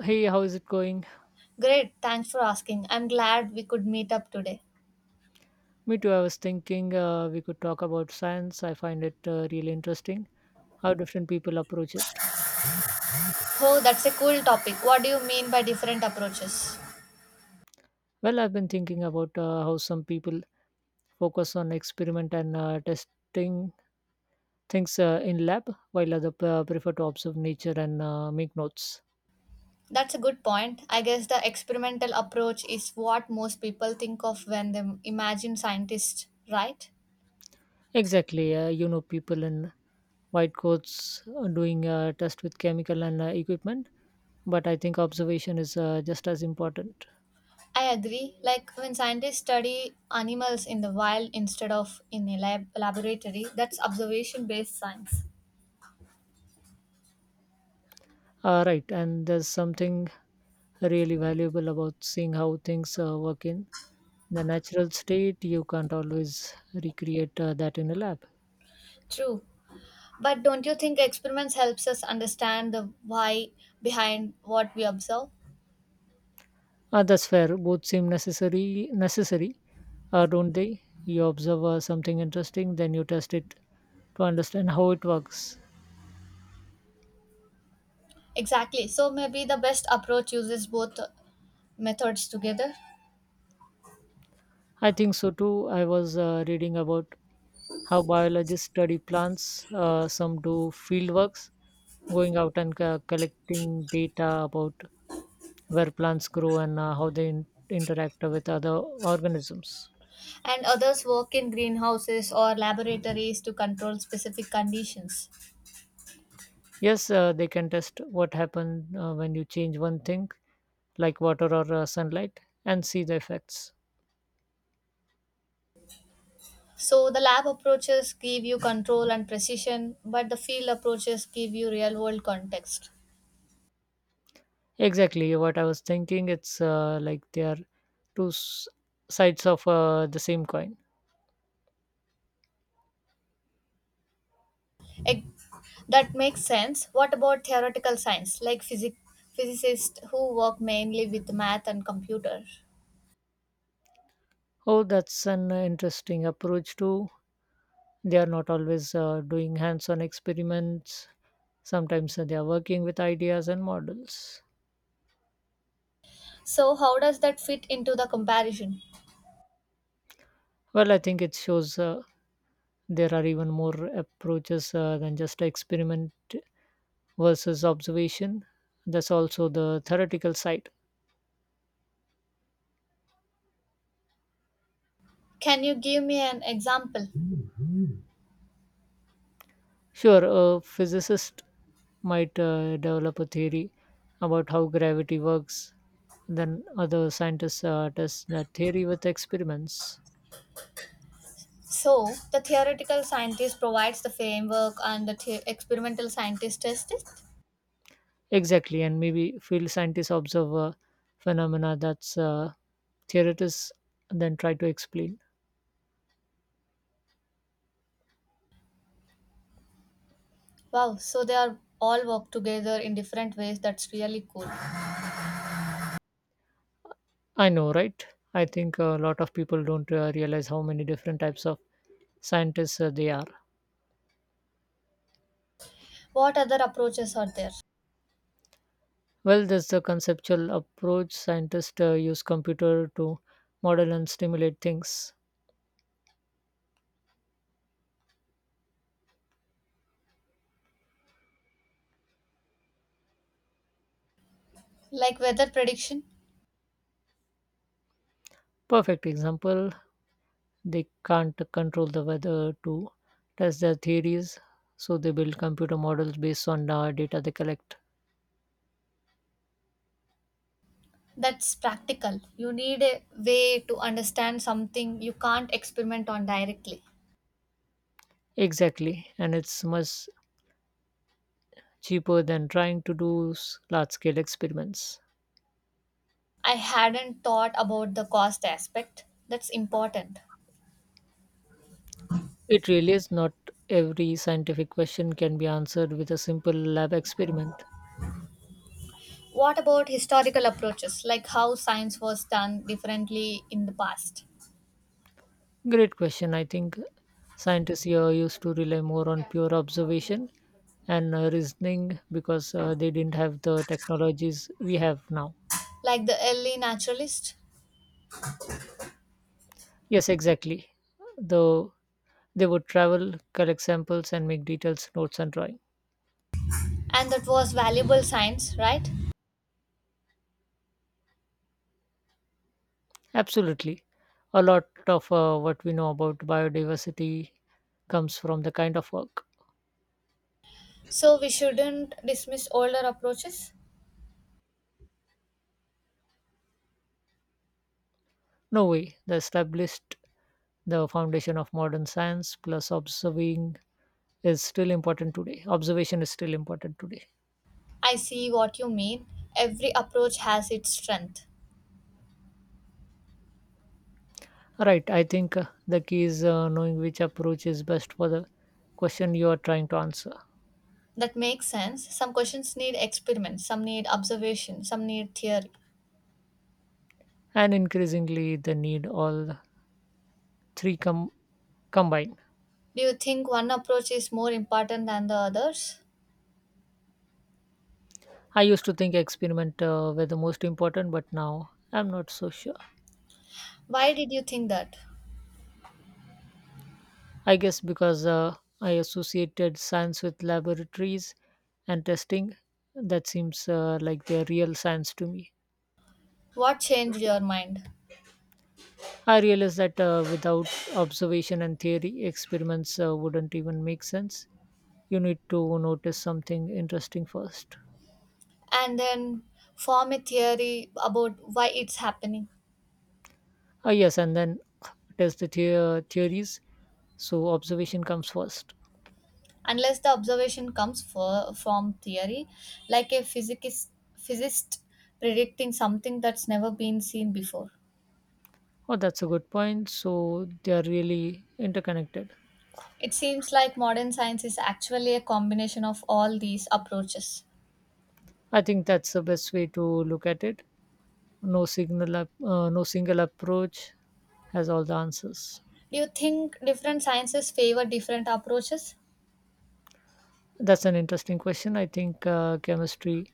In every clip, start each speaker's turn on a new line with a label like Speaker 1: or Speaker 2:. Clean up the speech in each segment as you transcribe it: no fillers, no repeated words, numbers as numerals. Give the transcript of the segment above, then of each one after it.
Speaker 1: Hey, how is it going?
Speaker 2: Great, thanks for asking. I'm glad we could meet up today.
Speaker 1: Me too. I was thinking we could talk about science. I find it really interesting how different people approach it.
Speaker 2: Oh, that's a cool topic. What do you mean by different approaches?
Speaker 1: Well, I've been thinking about how some people focus on experiment and testing things in lab, while other prefer to observe nature and make notes.
Speaker 2: That's a good point. I guess the experimental approach is what most people think of when they imagine scientists, right?
Speaker 1: Exactly. People in white coats doing test with chemical and equipment, but I think observation is just as important.
Speaker 2: I agree. Like when scientists study animals in the wild instead of in a laboratory, that's observation based science.
Speaker 1: Right, and there's something really valuable about seeing how things work in the natural state. You can't always recreate that in a lab.
Speaker 2: True. But don't you think experiments helps us understand the why behind what we observe?
Speaker 1: That's fair. Both seem necessary, don't they? You observe something interesting, then you test it to understand how it works.
Speaker 2: Exactly. So maybe the best approach uses both methods together,
Speaker 1: I think so too. I was reading about how biologists study plants, some do field works, going out and collecting data about where plants grow and how they interact with other organisms.
Speaker 2: and others work in greenhouses or laboratories to control specific conditions.
Speaker 1: Yes, they can test what happens when you change one thing, like water or sunlight, and see the effects.
Speaker 2: So the lab approaches give you control and precision, but the field approaches give you real world context.
Speaker 1: Exactly what I was thinking. It's like they are two s- sides of the same coin.
Speaker 2: Ec- That makes sense. What about theoretical science, like physicists who work mainly with math and computer?
Speaker 1: Oh, that's an interesting approach too. They are not always doing hands on experiments, sometimes they are working with ideas and models.
Speaker 2: So, how does that fit into the comparison?
Speaker 1: Well, I think it shows there are even more approaches than just experiment versus observation. That's also the theoretical side.
Speaker 2: Can you give me an example?
Speaker 1: Sure, a physicist might develop a theory about how gravity works, then other scientists test that theory with experiments.
Speaker 2: So, the theoretical scientist provides the framework and the experimental scientist tests it.
Speaker 1: Exactly, and maybe field scientists observe a phenomena that's theorists then try to explain.
Speaker 2: Wow, so they are all work together in different ways. That's really cool.
Speaker 1: I know, right? I think a lot of people don't realize how many different types of scientists they are.
Speaker 2: What other approaches are there?
Speaker 1: Well, there's the conceptual approach. Scientists use computer to model and stimulate things.
Speaker 2: Like weather prediction?
Speaker 1: Perfect example. They can't control the weather to test their theories, so they build computer models based on the data they collect.
Speaker 2: That's practical. You need a way to understand something you can't experiment on directly.
Speaker 1: Exactly, and it's much cheaper than trying to do large scale experiments.
Speaker 2: I hadn't thought about the cost aspect. That's important.
Speaker 1: It really is not every scientific question can be answered with a simple lab experiment.
Speaker 2: What about historical approaches, like how science was done differently in the past?
Speaker 1: Great question. I think scientists here used to rely more on pure observation and reasoning because they didn't have the technologies we have now.
Speaker 2: Like the early naturalist.
Speaker 1: Yes, exactly. Though they would travel, collect samples, and make detailed notes and drawings.
Speaker 2: And that was valuable science, right?
Speaker 1: Absolutely. A lot of what we know about biodiversity comes from the kind of work.
Speaker 2: So we shouldn't dismiss older approaches.
Speaker 1: No way. They established the foundation of modern science, plus observing is still important today. Observation is still important today.
Speaker 2: I see what you mean. Every approach has its strength.
Speaker 1: Right. I think the key is knowing which approach is best for the question you are trying to answer.
Speaker 2: That makes sense. Some questions need experiments, some need observation, some need theory.
Speaker 1: And increasingly, they need all three combined.
Speaker 2: Do you think one approach is more important than the others?
Speaker 1: I used to think experiment were the most important, but now I'm not so sure.
Speaker 2: Why did you think that?
Speaker 1: I guess because I associated science with laboratories and testing. That seems like the real science to me.
Speaker 2: What changed your mind?
Speaker 1: I realized that without observation and theory, experiments wouldn't even make sense. You need to notice something interesting first.
Speaker 2: And then form a theory about why it's happening.
Speaker 1: Ah, yes, and then test the theories. So observation comes first.
Speaker 2: Unless the observation comes from theory, like a physicist predicting something that's never been seen before.
Speaker 1: Oh, that's a good point. So they are really interconnected.
Speaker 2: It seems like modern science is actually a combination of all these approaches.
Speaker 1: I think that's the best way to look at it. No single approach has all the answers.
Speaker 2: Do you think different sciences favor different approaches?
Speaker 1: That's an interesting question. I think chemistry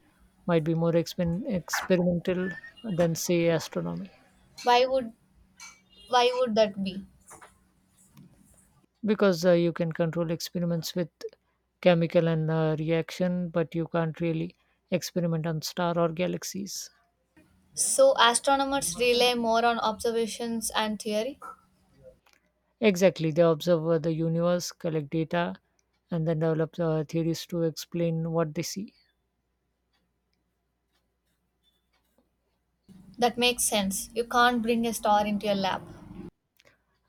Speaker 1: might be more experimental than say astronomy,
Speaker 2: Why would why would that be?
Speaker 1: because you can control experiments with chemical and reaction, but you can't really experiment on star or galaxies.
Speaker 2: So astronomers rely more on observations and theory.
Speaker 1: Exactly, they observe the universe, collect data, and then develop theories to explain what they see.
Speaker 2: That makes sense. You can't bring a star into your lab.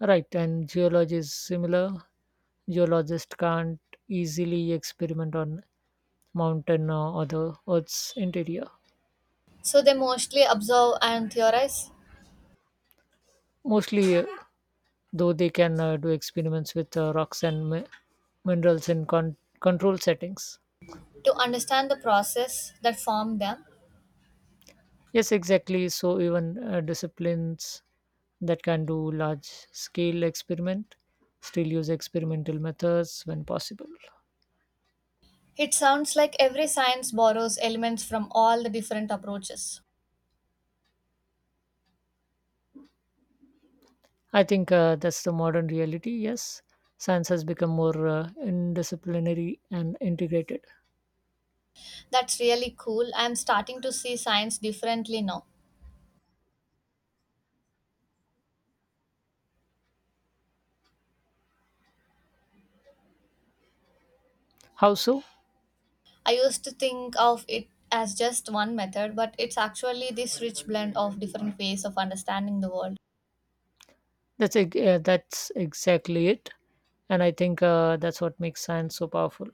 Speaker 1: Right, and geology is similar. Geologists can't easily experiment on mountain or the Earth's interior.
Speaker 2: So they mostly observe and theorize.
Speaker 1: Mostly, though, they can do experiments with rocks and minerals in control settings.
Speaker 2: To understand the process that formed them.
Speaker 1: Yes, exactly. So even disciplines that can do large-scale experiment still use experimental methods when possible.
Speaker 2: It sounds like every science borrows elements from all the different approaches.
Speaker 1: I think that's the modern reality. Yes, science has become more indisciplinary and integrated.
Speaker 2: That's really cool. I'm starting to see science differently now.
Speaker 1: How so?
Speaker 2: I used to think of it as just one method, but it's actually this rich blend of different ways of understanding the world.
Speaker 1: That's exactly it, and I think that's what makes science so powerful.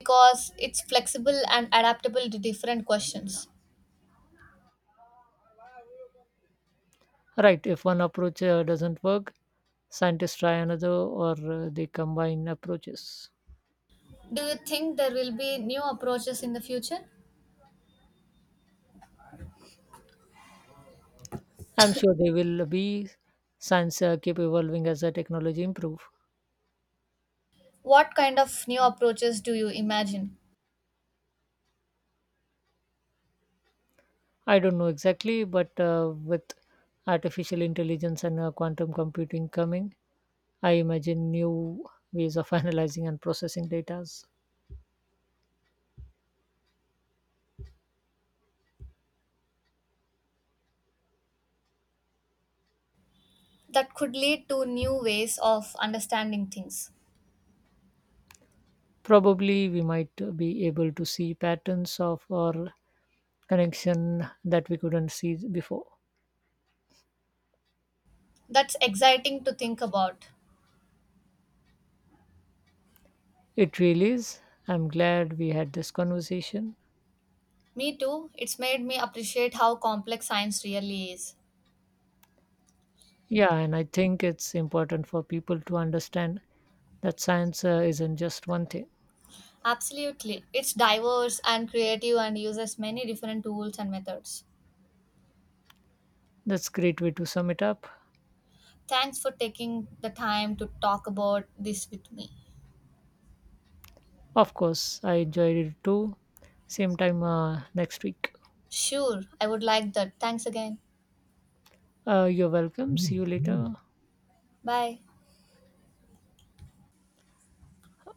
Speaker 2: Because it's flexible and adaptable to different questions.
Speaker 1: Right? If one approach doesn't work, scientists try another, or they combine approaches.
Speaker 2: Do you think there will be new approaches in the future?
Speaker 1: I'm sure they will be. Science keep evolving as the technology improve.
Speaker 2: What kind of new approaches do you imagine?
Speaker 1: I don't know exactly, but with artificial intelligence and quantum computing coming, I imagine new ways of analyzing and processing data.
Speaker 2: That could lead to new ways of understanding things.
Speaker 1: Probably we might be able to see patterns of or connection that we couldn't see before.
Speaker 2: That's exciting to think about.
Speaker 1: It really is. I'm glad we had this conversation.
Speaker 2: Me too, it's made me appreciate how complex science really is.
Speaker 1: Yeah, and I think it's important for people to understand that science isn't just one thing.
Speaker 2: Absolutely, it's diverse and creative and uses many different tools and methods.
Speaker 1: That's a great way to sum it up.
Speaker 2: Thanks for taking the time to talk about this with me.
Speaker 1: Of course, I enjoyed it too. Same time next week.
Speaker 2: Sure, I would like that. Thanks again.
Speaker 1: You're welcome. See you later.
Speaker 2: Bye.